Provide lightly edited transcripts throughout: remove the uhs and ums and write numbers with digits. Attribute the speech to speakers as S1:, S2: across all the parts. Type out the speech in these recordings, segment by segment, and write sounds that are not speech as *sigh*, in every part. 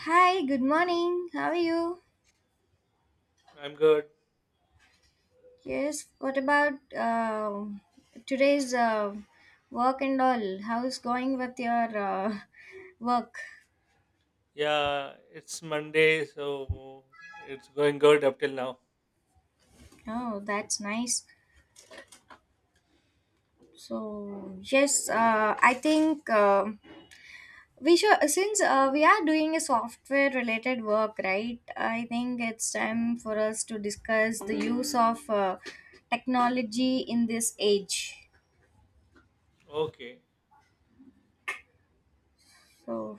S1: Hi, good morning. How are you?
S2: I'm good.
S1: Yes, what about today's work and all? How's going with your *laughs* work?
S2: Yeah, it's Monday, so it's going good up till now.
S1: Oh, that's nice. So, yes, I think we should, since we are doing a software related work, right? I think it's time for us to discuss the use of technology in this age.
S2: Okay.
S1: So,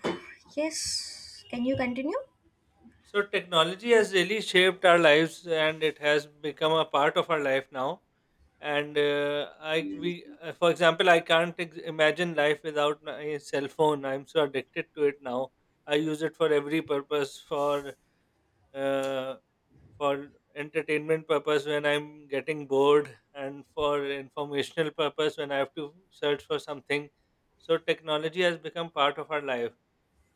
S1: yes, can you continue?
S2: So technology has really shaped our lives and it has become a part of our life now. And I we For example, I can't imagine life without my cell phone. I'm so addicted to it now. I use it for every purpose, uh, for entertainment purpose when I'm getting bored, and for informational purpose when I have to search for something. So technology has become part of our life.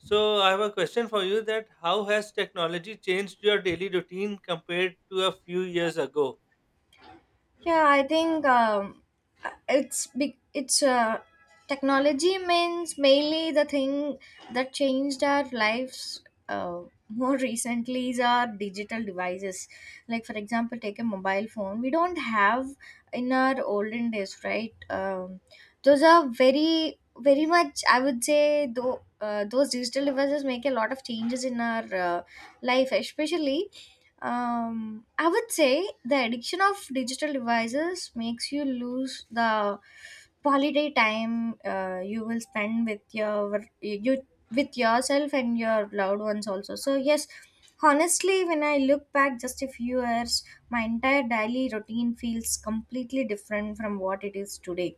S2: So I have a question for you: that how has technology changed your daily routine compared to a few years ago?
S1: Yeah, I think it's big. It's technology means mainly the thing that changed our lives. Uh, *laughs* more recently is our digital devices. Like for example, take a mobile phone. We don't have in our olden days, right? Those are very, very much. I would say though. Those digital devices make a lot of changes in our life, especially I would say the addiction of digital devices makes you lose the quality time you will spend with your you with yourself and your loved ones also. So yes, honestly, when I look back just a few years, my entire daily routine feels completely different from what it is today.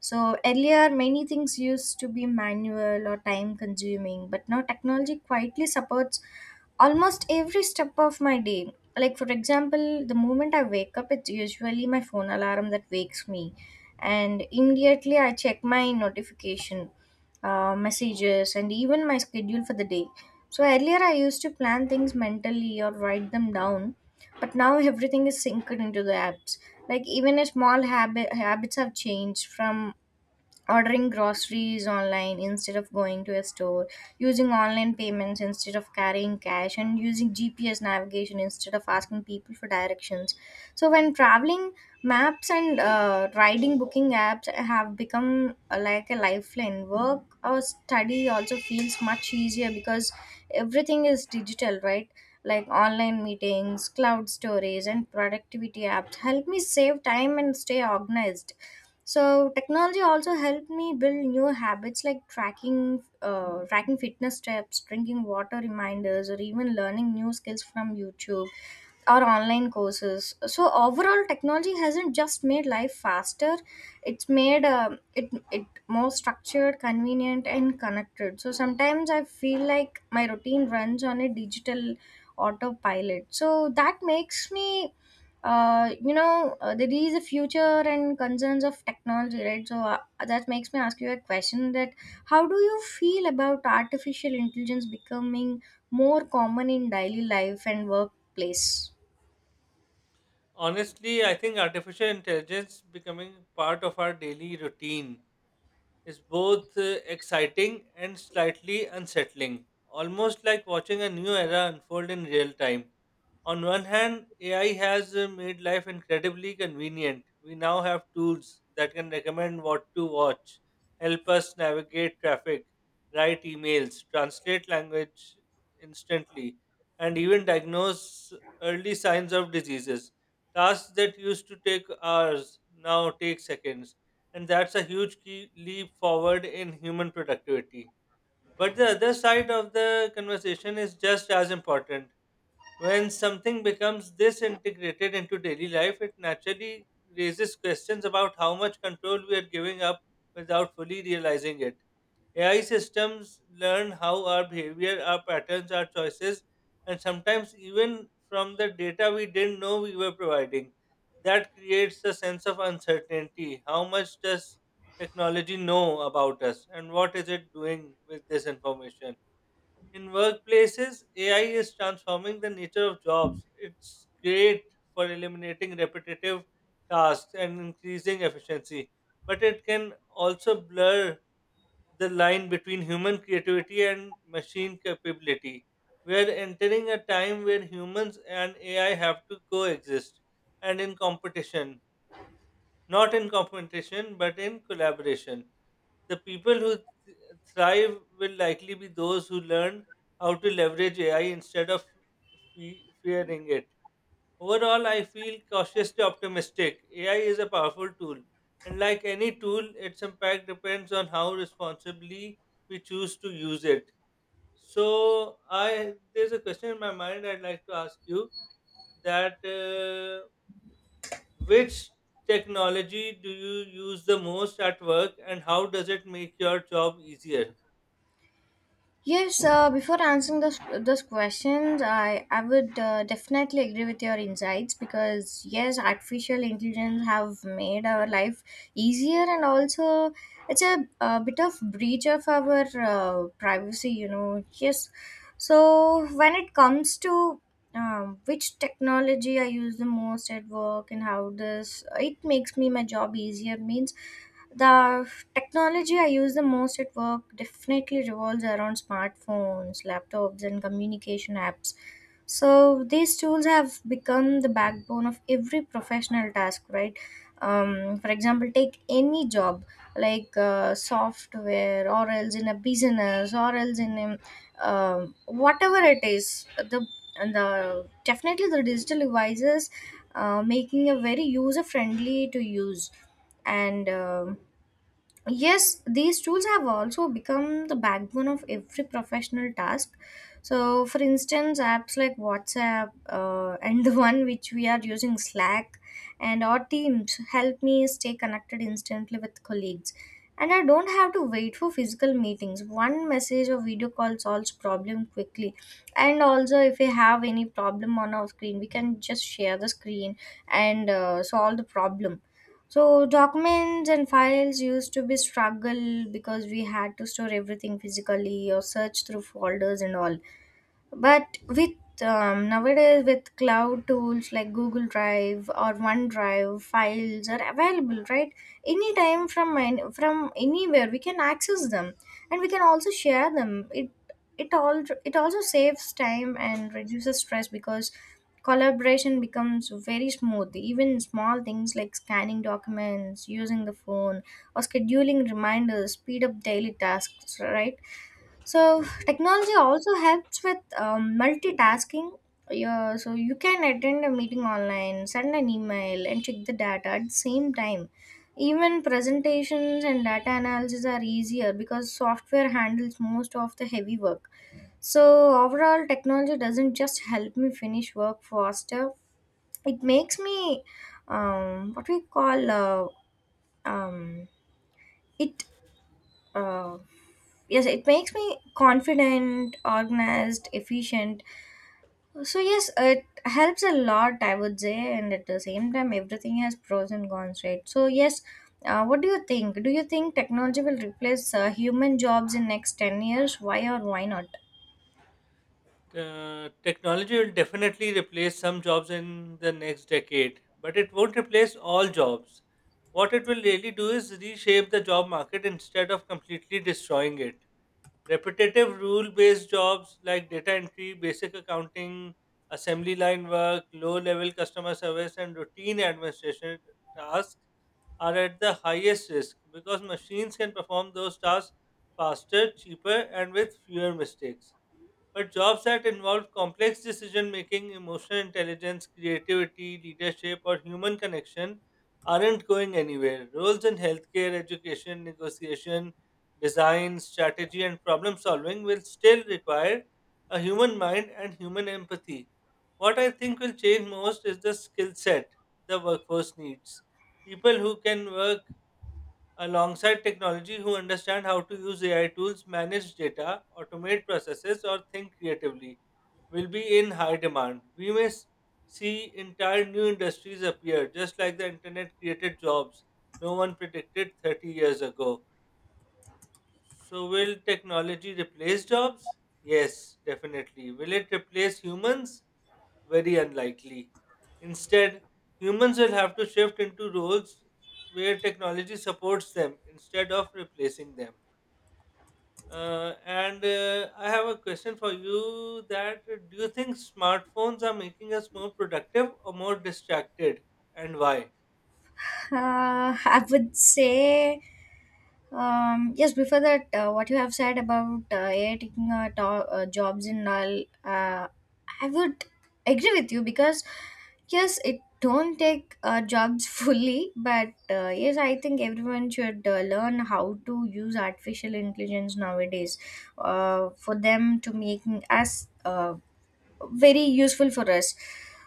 S1: So earlier, many things used to be manual or time consuming, but now technology quietly supports almost every step of my day. Like, for example, the moment I wake up, it's usually my phone alarm that wakes me, and immediately I check my notification, messages, and even my schedule for the day. So, earlier I used to plan things mentally or write them down, but now *laughs* everything is synced into the apps. Like, even a small habits have changed from ordering groceries online instead of going to a store, using online payments instead of carrying cash, and using GPS navigation instead of asking people for directions. So, when traveling, maps and riding booking apps have become like a lifeline. Work or study also feels much easier because everything is digital, right? Like online meetings, cloud storage, and productivity apps help me save time and stay organized. So technology also helped me build new habits like tracking fitness steps, drinking water reminders, or even learning new skills from YouTube or online courses. So overall, technology hasn't just made life faster. It's made it more structured, convenient, and connected. So sometimes I feel like my routine runs on a digital autopilot. So that makes me there is a future and concerns of technology, right? So that makes me ask you a question that how do you feel about artificial intelligence becoming more common in daily life and workplace?
S2: Honestly, I think artificial intelligence becoming part of our daily routine is both exciting and slightly unsettling, almost like watching a new era unfold in real time. On one hand, AI has made life incredibly convenient. We now have tools that can recommend what to watch, help us navigate traffic, write emails, translate language instantly, and even diagnose early signs of diseases. Tasks that used to take hours now take seconds, and that's a huge key leap forward in human productivity. But the other side of the conversation is just as important. When something becomes this integrated into daily life, it naturally raises questions about how much control we are giving up without fully realizing it. AI systems learn how our behavior, our patterns, our choices, and sometimes even from the data we didn't know we were providing. That creates a sense of uncertainty. How much does technology know about us, and what is it doing with this information? In workplaces, AI is transforming the nature of jobs. It's great for eliminating repetitive tasks and increasing efficiency, but it can also blur the line between human creativity and machine capability. We are entering a time where humans and AI have to coexist and not in competition, but in collaboration. The people who thrive will likely be those who learn how to leverage AI instead of fearing it. Overall, I feel cautiously optimistic. AI is a powerful tool, and like any tool, its impact depends on how responsibly we choose to use it. So, I there's a question in my mind I'd like to ask you, that which technology do you use the most at work, and how does it make your job easier?
S1: Yes, before answering those questions, I would definitely agree with your insights because yes, artificial intelligence have made our life easier and also it's a bit of breach of our privacy, you know. Yes, so when it comes to which technology I use the most at work and how this it makes me my job easier means the technology I use the most at work definitely revolves around smartphones, laptops, and communication apps. So these tools have become the backbone of every professional task, right? For example, take any job like software, or else in a business, or else in whatever it is. The definitely the digital devices making a very user friendly to use and yes, these tools have also become the backbone of every professional task. So, for instance, apps like WhatsApp and *laughs* the one which we are using, Slack, and our Teams help me stay connected instantly with colleagues. And I don't have to wait for physical meetings. One message or video call solves problem quickly. And also, if we have any problem on our screen, we can just share the screen and solve the problem. So documents and files used to be struggle because we had to store everything physically or search through folders and all. But with nowadays with cloud tools like Google Drive or OneDrive, files are available, right? Anytime from anywhere we can access them, and we can also share them. It also saves time and reduces stress because collaboration becomes very smooth. Even small things like scanning documents using the phone or scheduling reminders speed up daily tasks, right? So technology also helps with multitasking. Yeah, so you can attend a meeting online, send an email, and check the data at the same time. Even presentations and data analysis are easier because software handles most of the heavy work. So overall, technology doesn't just help me finish work faster. It makes me what we call um, it uh, yes, it makes me confident, organized, efficient. So yes, it helps a lot, I would say. And at the same time, everything has pros and cons, right? So yes, what do you think? Do you think technology will replace human jobs in next 10 years? Why or why not? *laughs*
S2: Technology will definitely replace some jobs in the next decade, but it won't replace all jobs. What it will really do is reshape the job market instead of completely destroying it. Repetitive rule based jobs like data entry, basic accounting, assembly line work, low level customer service, and routine administration tasks are at the highest risk because machines can perform those tasks faster, cheaper, and with fewer mistakes. But jobs that involve complex decision making, emotional intelligence, creativity, leadership, or human connection aren't going anywhere. Roles in healthcare, education, negotiation, design, strategy, and problem solving will still require a human mind and human empathy. What I think will change most is the skill set the workforce needs. People who can work alongside technology, who understand how to use AI tools, manage data, automate processes, or think creatively, will be in high demand. We may see entire new industries appear, just like the internet created jobs no one predicted 30 years ago. So, will technology replace jobs? Yes, definitely. Will it replace humans? Very unlikely. Instead, humans will have to shift into roles where technology supports them instead of replacing them. And I have a question for you: that do you think smartphones are making us more productive or more distracted, and why?
S1: uh, I would say yes, before that, what you have said about AI taking jobs in all, I would agree with you because yes, it don't take jobs *laughs* fully, but yes, I think everyone should learn how to use artificial intelligence nowadays for them to making us. Very useful for us.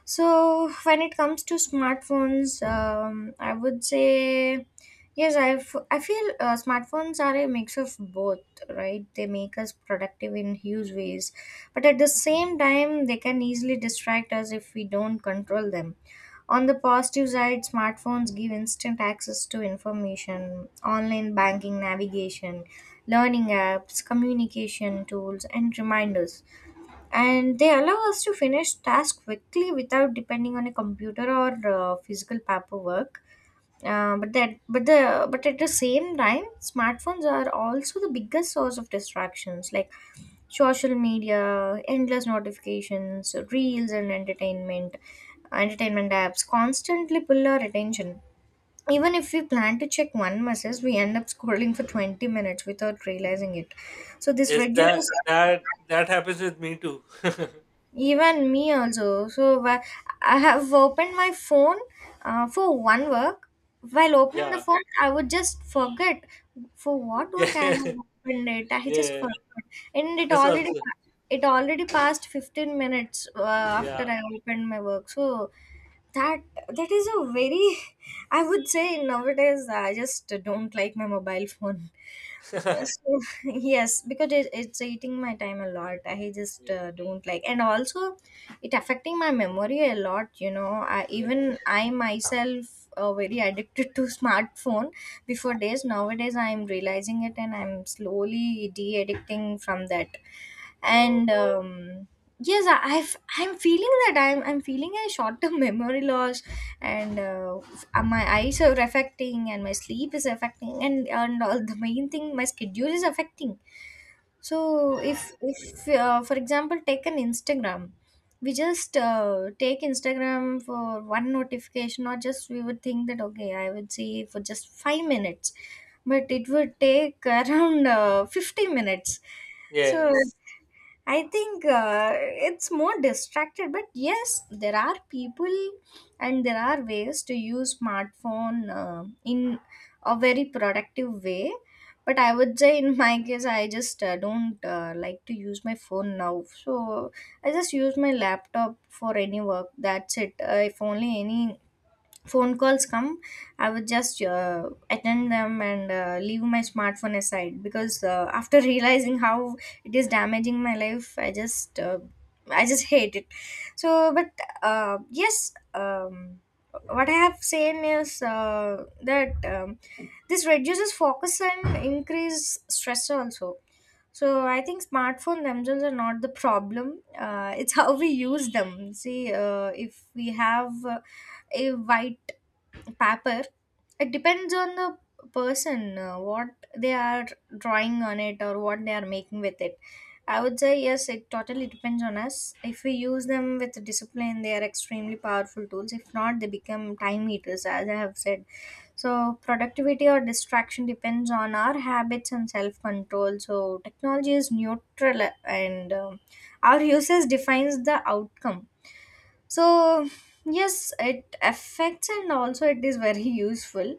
S1: So when it comes to smartphones, I would say yes, I feel smartphones are a mix of both, right? They make us productive in huge ways, but at the same time they can easily distract us if we don't control them. On the positive side, smartphones give instant access to information, online banking, navigation, learning apps, communication tools, and reminders, and they allow us to finish tasks quickly without depending on a computer or physical paperwork. But at the same time, smartphones are also the biggest source of distractions, like social media, endless notifications, reels, and entertainment apps constantly pull our attention. Even if we plan to check one message, we end up scrolling for 20 minutes without realizing it. So this
S2: Yes, that
S1: reduces
S2: that happens with me too. *laughs*
S1: even me also. So I have opened my phone for one work. While opening the
S2: yeah.
S1: phone, I would just forget for what work I
S2: Yeah.
S1: have opened it.
S2: *laughs*
S1: I just
S2: yeah.
S1: forgot, and
S2: This also. *laughs*
S1: it already passed 15 minutes after
S2: yeah.
S1: I opened my work. So that that is a very *laughs* I would say nowadays I just don't like my mobile phone. Yes,
S2: *laughs*
S1: so- *laughs* yes, because it's eating my time a lot. I just
S2: yeah.
S1: don't like, and also it affecting my memory a lot. You know, I,
S2: Yeah.
S1: even I myself very addicted to *laughs* smartphone. Before days, nowadays I am realizing it, and I'm slowly de-addicting from that.
S2: Oh,
S1: And yes, I'm feeling that I'm feeling a short-term *laughs* memory loss, and my eyes are affecting and my sleep is affecting and all the main thing my schedule is affecting. So
S2: yeah.
S1: if for example take an instagram, we just take instagram for one notification or just we would think that okay, I would see for just 5 minutes, but it would take *laughs* around 50 minutes. So
S2: Yes.
S1: I think it's more distracted, but yes, there are people and there are ways to use smartphone in a very productive way. But I would say in my case, I just don't like to use my phone now. So I just use my laptop for any work. That's it. If only any phone calls come, I would just attend them and leave my smartphone aside because after *laughs* realizing how it is damaging my life, I just hate it. So, but yes, what I have seen is that this reduces focus and increase stress also. So I think smartphone themselves are not the problem. It's *laughs* how we use them. See, if we have a white paper, it depends on the person what they are drawing on it or what they are making with it. I would say yes, it totally depends on us. If we use them with discipline, they are extremely powerful tools. If not, they become time eaters, as I have said. So productivity or distraction depends on our habits and self control. So technology is neutral, and our uses defines the outcome. So yes, it affects and also it is very *laughs* useful.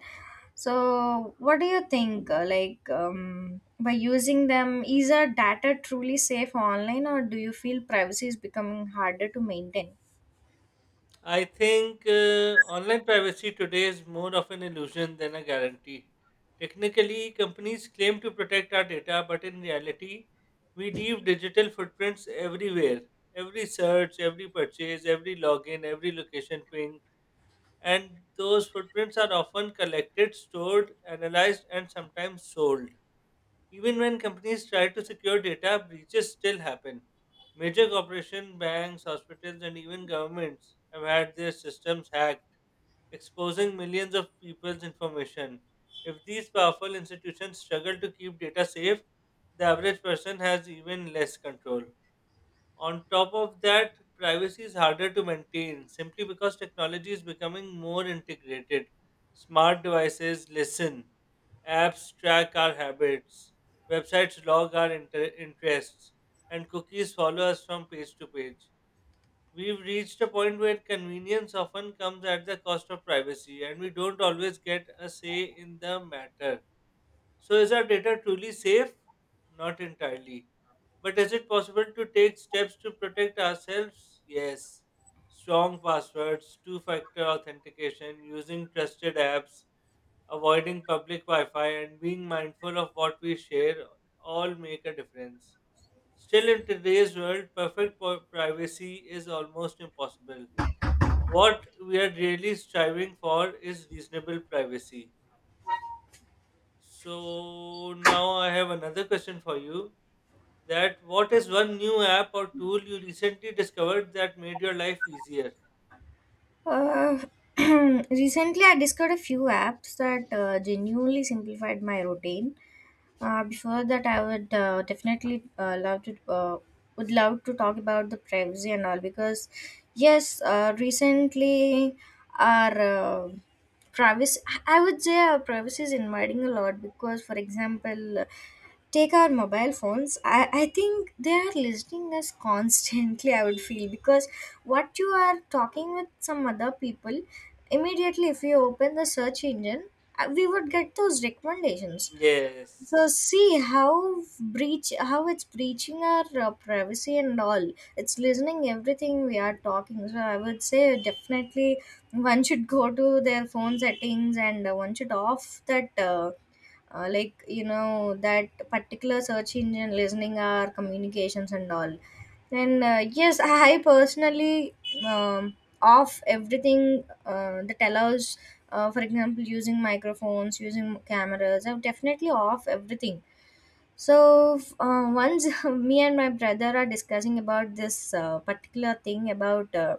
S1: So, what do you think? Like, by using them, is our data truly safe online, or do you feel privacy is becoming harder to maintain?
S2: I think online privacy today is more of an illusion than a guarantee. Technically, companies claim to protect our data, but in reality, we leave digital footprints everywhere: every search, every purchase, every login, every location ping. And those footprints are often collected, stored, analyzed, and sometimes sold. Even when companies try to secure data, breaches still happen. Major corporations, banks, hospitals, and even governments have had their systems hacked, exposing millions of people's information. If these powerful institutions struggle to keep data safe, the average person has even less control. On top of that, privacy is harder to maintain simply because technology is becoming more integrated. Smart devices listen, apps track our habits, websites log our interests, and cookies follow us from page to page. We've reached a point where convenience often comes at the cost of privacy, and we don't always get a say in the matter. So is our data truly safe? Not entirely. But is it possible to take steps to protect ourselves? Yes. Strong passwords, two factor authentication, using trusted apps, avoiding public Wi Fi, and being mindful of what we share all make a difference. Still, in today's world, perfect privacy is almost impossible. What we are really striving for is reasonable privacy. So now I have another question for you: That what is one new app or tool you recently discovered that made your life easier?
S1: Uh, *clears throat* recently, I discovered a few apps that genuinely simplified my routine. Before that, I would definitely love to talk about the privacy and all because yes, recently our privacy I would say our privacy is invading a lot because, for example, take our mobile phones. I think they are listening us constantly. I would feel because what you are talking with some other people, immediately if you open the search engine, we would get those recommendations. So
S2: Yes.
S1: see how it's breaching our privacy and all. It's listening everything we are talking. So I would say definitely one should go to their phone settings and one should off that like you know that particular search engine listening our communications and all. And yes, *laughs* I personally um, off everything that allows, for example, using microphones, using cameras. I've definitely off everything. So once *laughs* me and my brother are discussing about this particular thing about,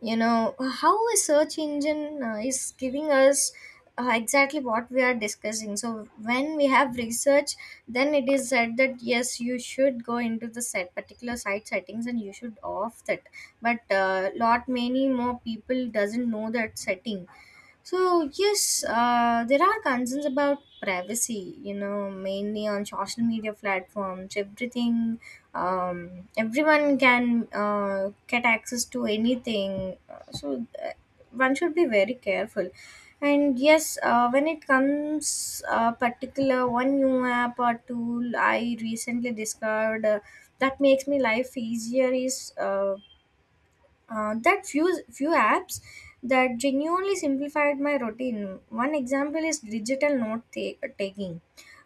S1: you know, how a search engine is giving us exactly what we are discussing. So when we have research, then it is said that yes, you should go into the set particular site settings and you should off that, but lot many more people doesn't know that setting. So yes, there are concerns about privacy, you know, mainly on social media platforms. Everything, everyone can get access to anything. So, one should be very careful. And yes, when it comes particular one new app or tool I recently discovered that makes me life easier is that few few apps that genuinely simplified my routine. One example is digital taking,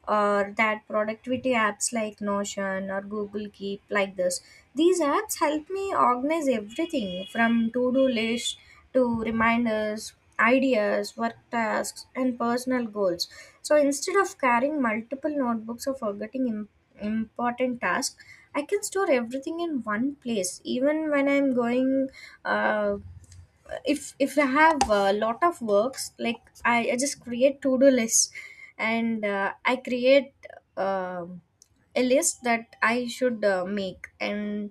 S1: or that productivity apps like Notion or Google Keep, like this. These apps help me organize everything from to do list to reminders, ideas, work tasks, and personal goals. So instead of carrying multiple notebooks or forgetting important tasks, I can store everything in one place. Even when I'm going, uh, if I have a lot of works, like I just create to do lists, and I create. Um a list that I should make and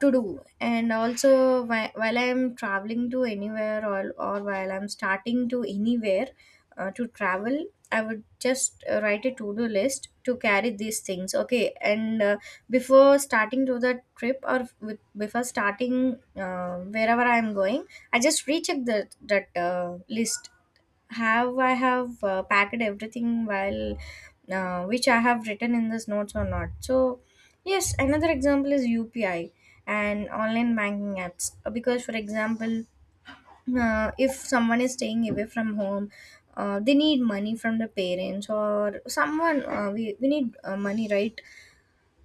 S1: to do. And also while I'm traveling to anywhere, or while I'm starting to anywhere to travel, I would just write a to-do list to carry these things, okay? And before starting to the trip, or before starting wherever I'm going, I just recheck that list, have I have packed everything while which I have written in this notes or not. So yes, another example is UPI and online banking apps. Because for example, if someone is staying away from home, they need money from the parents or someone. We need money, right?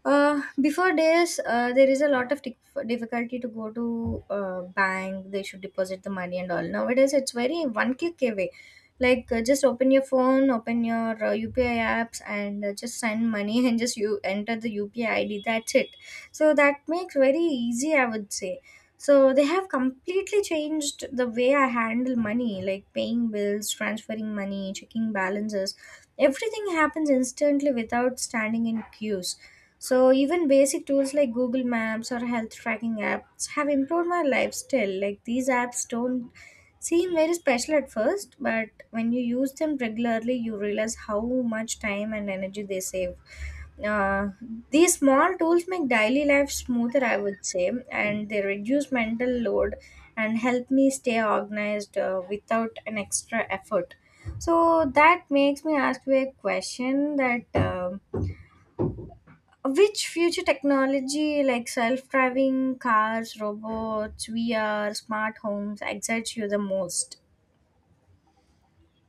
S1: Before this, there is a lot of difficulty to go to bank. They should deposit the money and all. Nowadays, it's very one click away. Like just open your phone, open your UPI apps, and just send money *laughs* and just you enter the UPI ID. That's it. So that makes very easy, I would say. So they have completely changed the way I handle money, like paying bills, transferring money, checking balances. Everything happens instantly without standing in queues. So even basic tools like Google Maps or health tracking apps have improved my life still. Like these apps don't seem very special at first, but when you use them regularly, you realize how much time and energy they save. Uh, these small tools make daily life smoother, I would say, and they reduce mental load and help me stay organized without an extra effort. So that makes me ask you a question that. Which future technology, like self-driving cars, robots, VR, smart homes, excites you the most?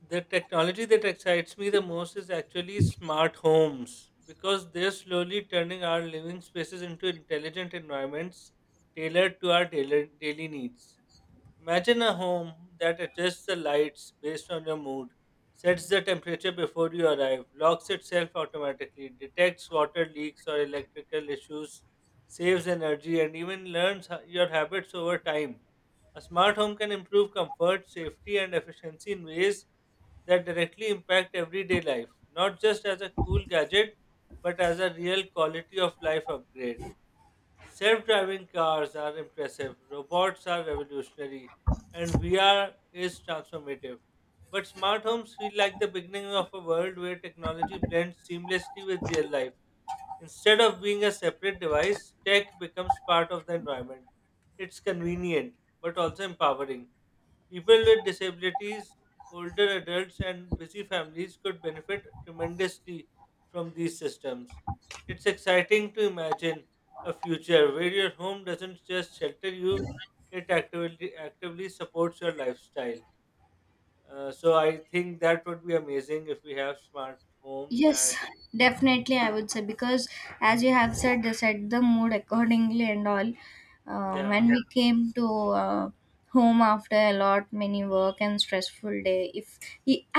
S2: The technology that excites me the most is actually smart homes, because they're slowly turning our living spaces into intelligent environments tailored to our daily needs. Imagine a home that adjusts the lights based on your mood, sets the temperature before you arrive, locks itself automatically, detects water leaks or electrical issues, saves energy, and even learns your habits over time. A smart home can improve comfort, safety, and efficiency in ways that directly impact everyday life, not just as a cool gadget, but as a real quality of life upgrade. Self driving cars are impressive, robots are revolutionary, and VR is transformative. But smart homes feel like the beginning of a world where technology blends seamlessly with real life. Instead of being a separate device, tech becomes part of the environment. It's convenient, but also empowering. People with disabilities, older adults, and busy families could benefit tremendously from these systems. It's exciting to imagine a future where your home doesn't just shelter you, it actively supports your lifestyle. So I think that would be amazing if we have smart homes
S1: Yes,
S2: and
S1: definitely, I would say, because as you have said, they set the mood accordingly and all.
S2: yeah.
S1: When yeah, we yeah, came to uh, home after a lot many work and stressful day, if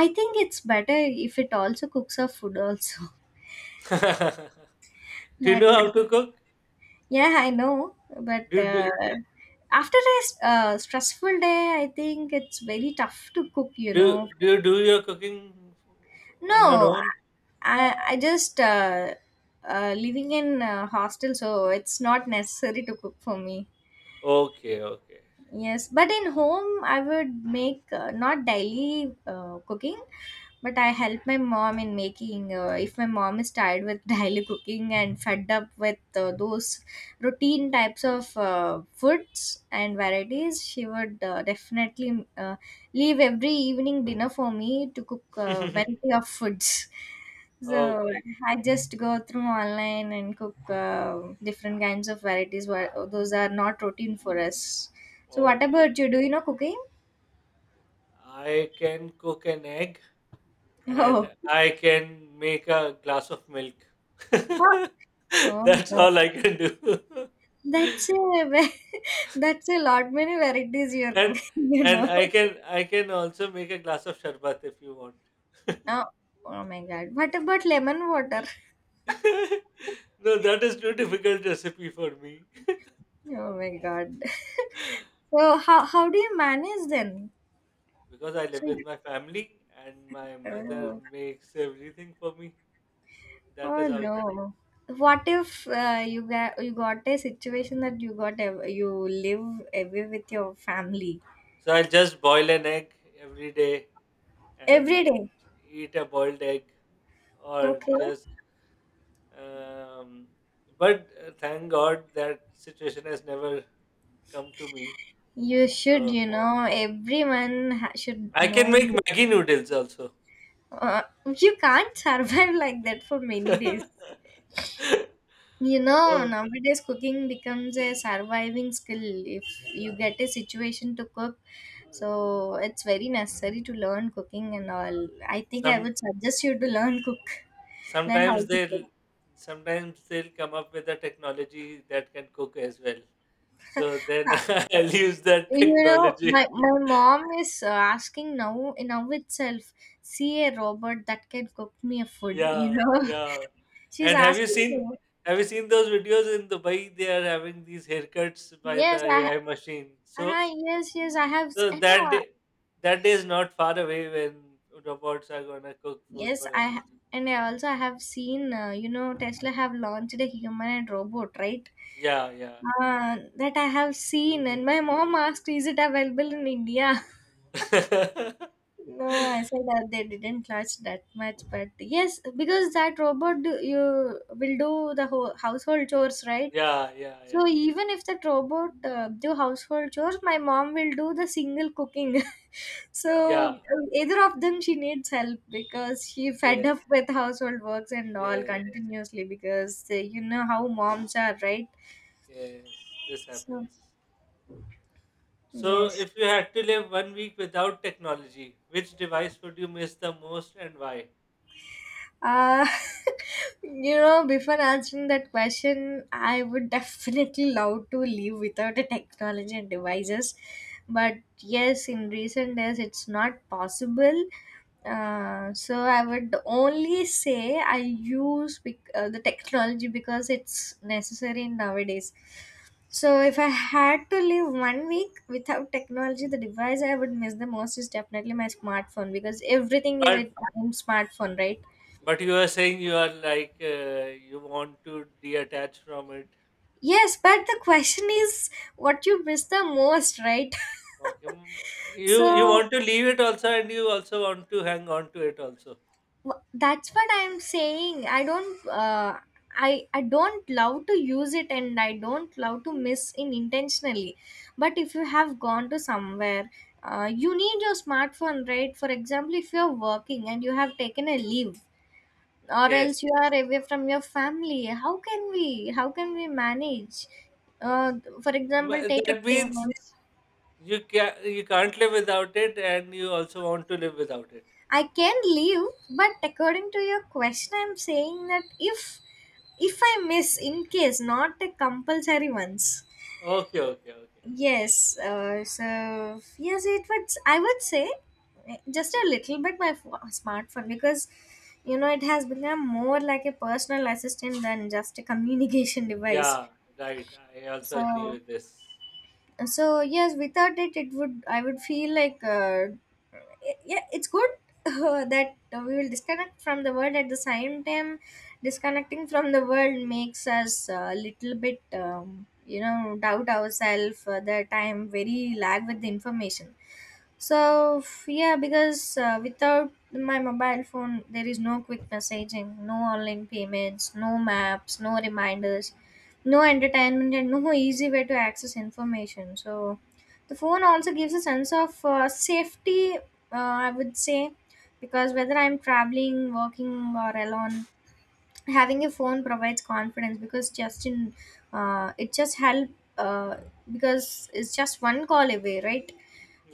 S1: I think it's better if it also cooks our food also.
S2: *laughs*
S1: *laughs*
S2: do you
S1: That
S2: know
S1: will.
S2: how to cook?
S1: Yeah, I know, but
S2: Do, do,
S1: after a stressful day, I think it's very tough to cook. You
S2: do,
S1: know,
S2: do you do your cooking on your
S1: no,
S2: own?
S1: I just living in a hostel, so it's not necessary to cook for me.
S2: Okay, okay.
S1: Yes, but in home, I would make not daily cooking. But I help my mom in making, if my mom is tired with *laughs* daily cooking and fed up with those routine types of foods and varieties, she would definitely leave every evening dinner for me to cook a variety
S2: *laughs*
S1: of foods. So
S2: Okay,
S1: I just go through online and cook different kinds of varieties, where those are not routine for us. So what
S2: okay.
S1: about you? Do you know cooking?
S2: I can cook an egg and
S1: *laughs*
S2: I can make a glass of milk. *laughs*
S1: Oh, oh
S2: That's
S1: no.
S2: all I can do. *laughs*
S1: That's a ve- *laughs* that's a lot many varieties you are
S2: And
S1: cooking, *laughs* you know.
S2: I can also make a glass of sherbet if you want. *laughs*
S1: Oh, oh my God. What about lemon water?
S2: No, that is too difficult recipe for me.
S1: Oh my God. *laughs*
S2: *laughs*
S1: So how do you manage then?
S2: Because I live
S1: So
S2: with
S1: you,
S2: my family and my mother
S1: oh,
S2: makes everything for me. That is
S1: oh
S2: how.
S1: no. What if you got you got a situation that you live away with your family
S2: So I'll just boil an egg every day and
S1: every day?
S2: eat a boiled egg or
S1: Okay.
S2: just um but thank god that situation has never come to me.
S1: You should,
S2: So
S1: you know, should
S2: I can
S1: know.
S2: make maggie noodles also.
S1: Uh, you can't survive *laughs* like that for many days.
S2: *laughs*
S1: You know,
S2: oh,
S1: nowadays cooking becomes a surviving skill if you get a situation to cook. So it's very necessary to learn cooking and all. I think I
S2: some
S1: would suggest you to learn cook, *laughs* learn how
S2: sometimes
S1: to
S2: they'll
S1: cook.
S2: sometimes they'll come up with a technology that can cook as well, so then
S1: Ha-
S2: *laughs* I'll use that *laughs*
S1: You know,
S2: technology.
S1: my mom is asking now itself, see a robot that can cook me a food, you
S2: Yeah,
S1: know.
S2: yeah.
S1: *laughs* She's
S2: And
S1: asking me,
S2: have you seen those videos in Dubai? They are having these haircuts by the
S1: yes, I,
S2: AI machine. So
S1: Ah yes, yes, I have.
S2: so
S1: I know.
S2: that day that day is not far away when robots are gonna cook food
S1: Yes,
S2: for us.
S1: I ha- and I also have seen, you know, Tesla have launched a human and robot, right?
S2: Yeah, yeah.
S1: That I have seen, and my mom asked, "Is it available in India?" *laughs*
S2: *laughs*
S1: No, I said that they didn't launch that much, but yes, because that robot you will do the whole household chores, right?
S2: yeah, yeah, yeah.
S1: So even if that robot do household chores, my mom will do the single cooking. *laughs* So
S2: Yeah,
S1: either of them, she needs help because she fed up
S2: yes,
S1: with household works and all
S2: yeah,
S1: continuously because you know how moms are, right?
S2: yes. This
S1: So
S2: happens. So
S1: yes.
S2: if you had to live 1 week without technology, which device would you miss the most and why?
S1: Uh, *laughs* you know, before answering that question, I would *laughs* definitely love to live without a technology and devices. But yes, in recent days, it's not possible. So I would only say I use the technology because it's necessary nowadays. So if I had to live 1 week without technology, the device I would miss the most is definitely my smartphone because everything is
S2: But
S1: a smartphone, right?
S2: But you are saying you are like, you want to detach from it.
S1: Yes, but the question is what you miss the most, right?
S2: Okay, mm,
S1: *laughs*
S2: you
S1: So
S2: want to leave it also, and you also want to hang on to it also.
S1: that's what I'm saying. I don't I don't love to use it, and I don't love to miss in intentionally, but if you have gone to somewhere, you need your smartphone, right? For example, if you're working and you have taken a leave, or
S2: Yes,
S1: else you are away from your family, how can we manage? uh,
S2: yes.
S1: for example,
S2: M-
S1: take a
S2: That means
S1: payment.
S2: you can you can't live without it, and you also want to live without it.
S1: I can leave, but according to your question, I'm saying that if I miss, in case, not the compulsory ones.
S2: Okay, okay, okay.
S1: Yes, so yes, it would. I would say eh, just a little bit my smartphone because you know it has become more like a personal assistant than just a communication *laughs* device.
S2: Yeah, right. I also agree
S1: So
S2: with this.
S1: so yes, without it, it would I would feel like yeah, it's good *laughs* that we will disconnect from the world. At the same time, disconnecting from the world makes us a little bit, you know, doubt ourselves, that I am very lag with the information. So yeah, because without my mobile phone, there is no quick messaging, no online payments, no maps, no reminders, no entertainment, and no easy way to access information. So the phone also gives a sense of safety, I would say, because whether I'm traveling, working, or alone, having a phone provides confidence because just in it just help uh, because it's just one call away, right?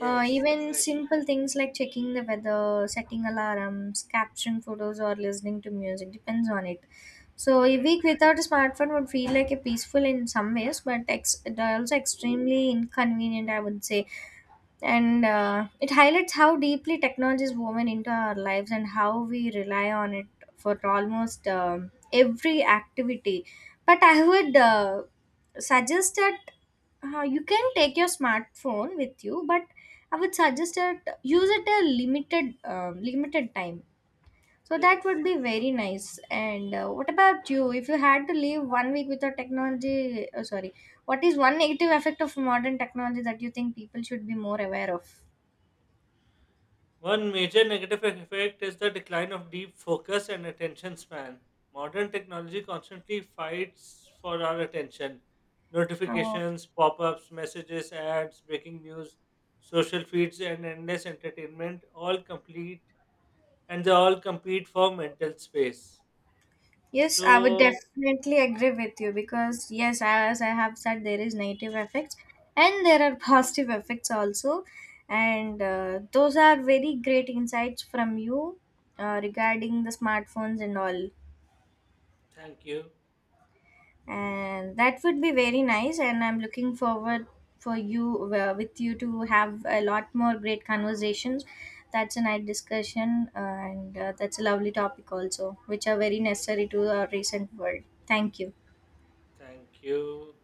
S1: Even
S2: correct,
S1: simple things like checking the weather, setting alarms, capturing photos, or listening to music depends on it. So a
S2: correct.
S1: week without a smartphone would feel like a peaceful in some ways, but it also extremely inconvenient, I would say. And it highlights how deeply technology is woven into our lives and how we rely on it for almost every activity. But I would suggest that you can take your smartphone with you, but I would suggest that use it a limited, limited time. So that
S2: Yes.
S1: would be very nice. And what about you, if you had to live 1 week without technology, oh, sorry, what is one negative effect of modern technology that you think people should be more aware of?
S2: One major negative effect is the decline of deep focus and attention span. Modern technology constantly fights for our attention.
S1: Uh,
S2: Notifications, pop ups, messages, ads, breaking news, social feeds, and endless entertainment all complete and they all compete for mental space.
S1: Yes, I would
S2: So,
S1: definitely agree with you because, yes, as I have said, there is negative effects and there are *laughs* positive effects also. And those are very great insights from you regarding the smartphones and all.
S2: thank you.
S1: And that would be very nice. And I'm looking forward for you with you to have a lot more great conversations. That's a nice discussion, and that's a lovely topic also, which are very necessary to our recent world. Thank you.
S2: Thank you.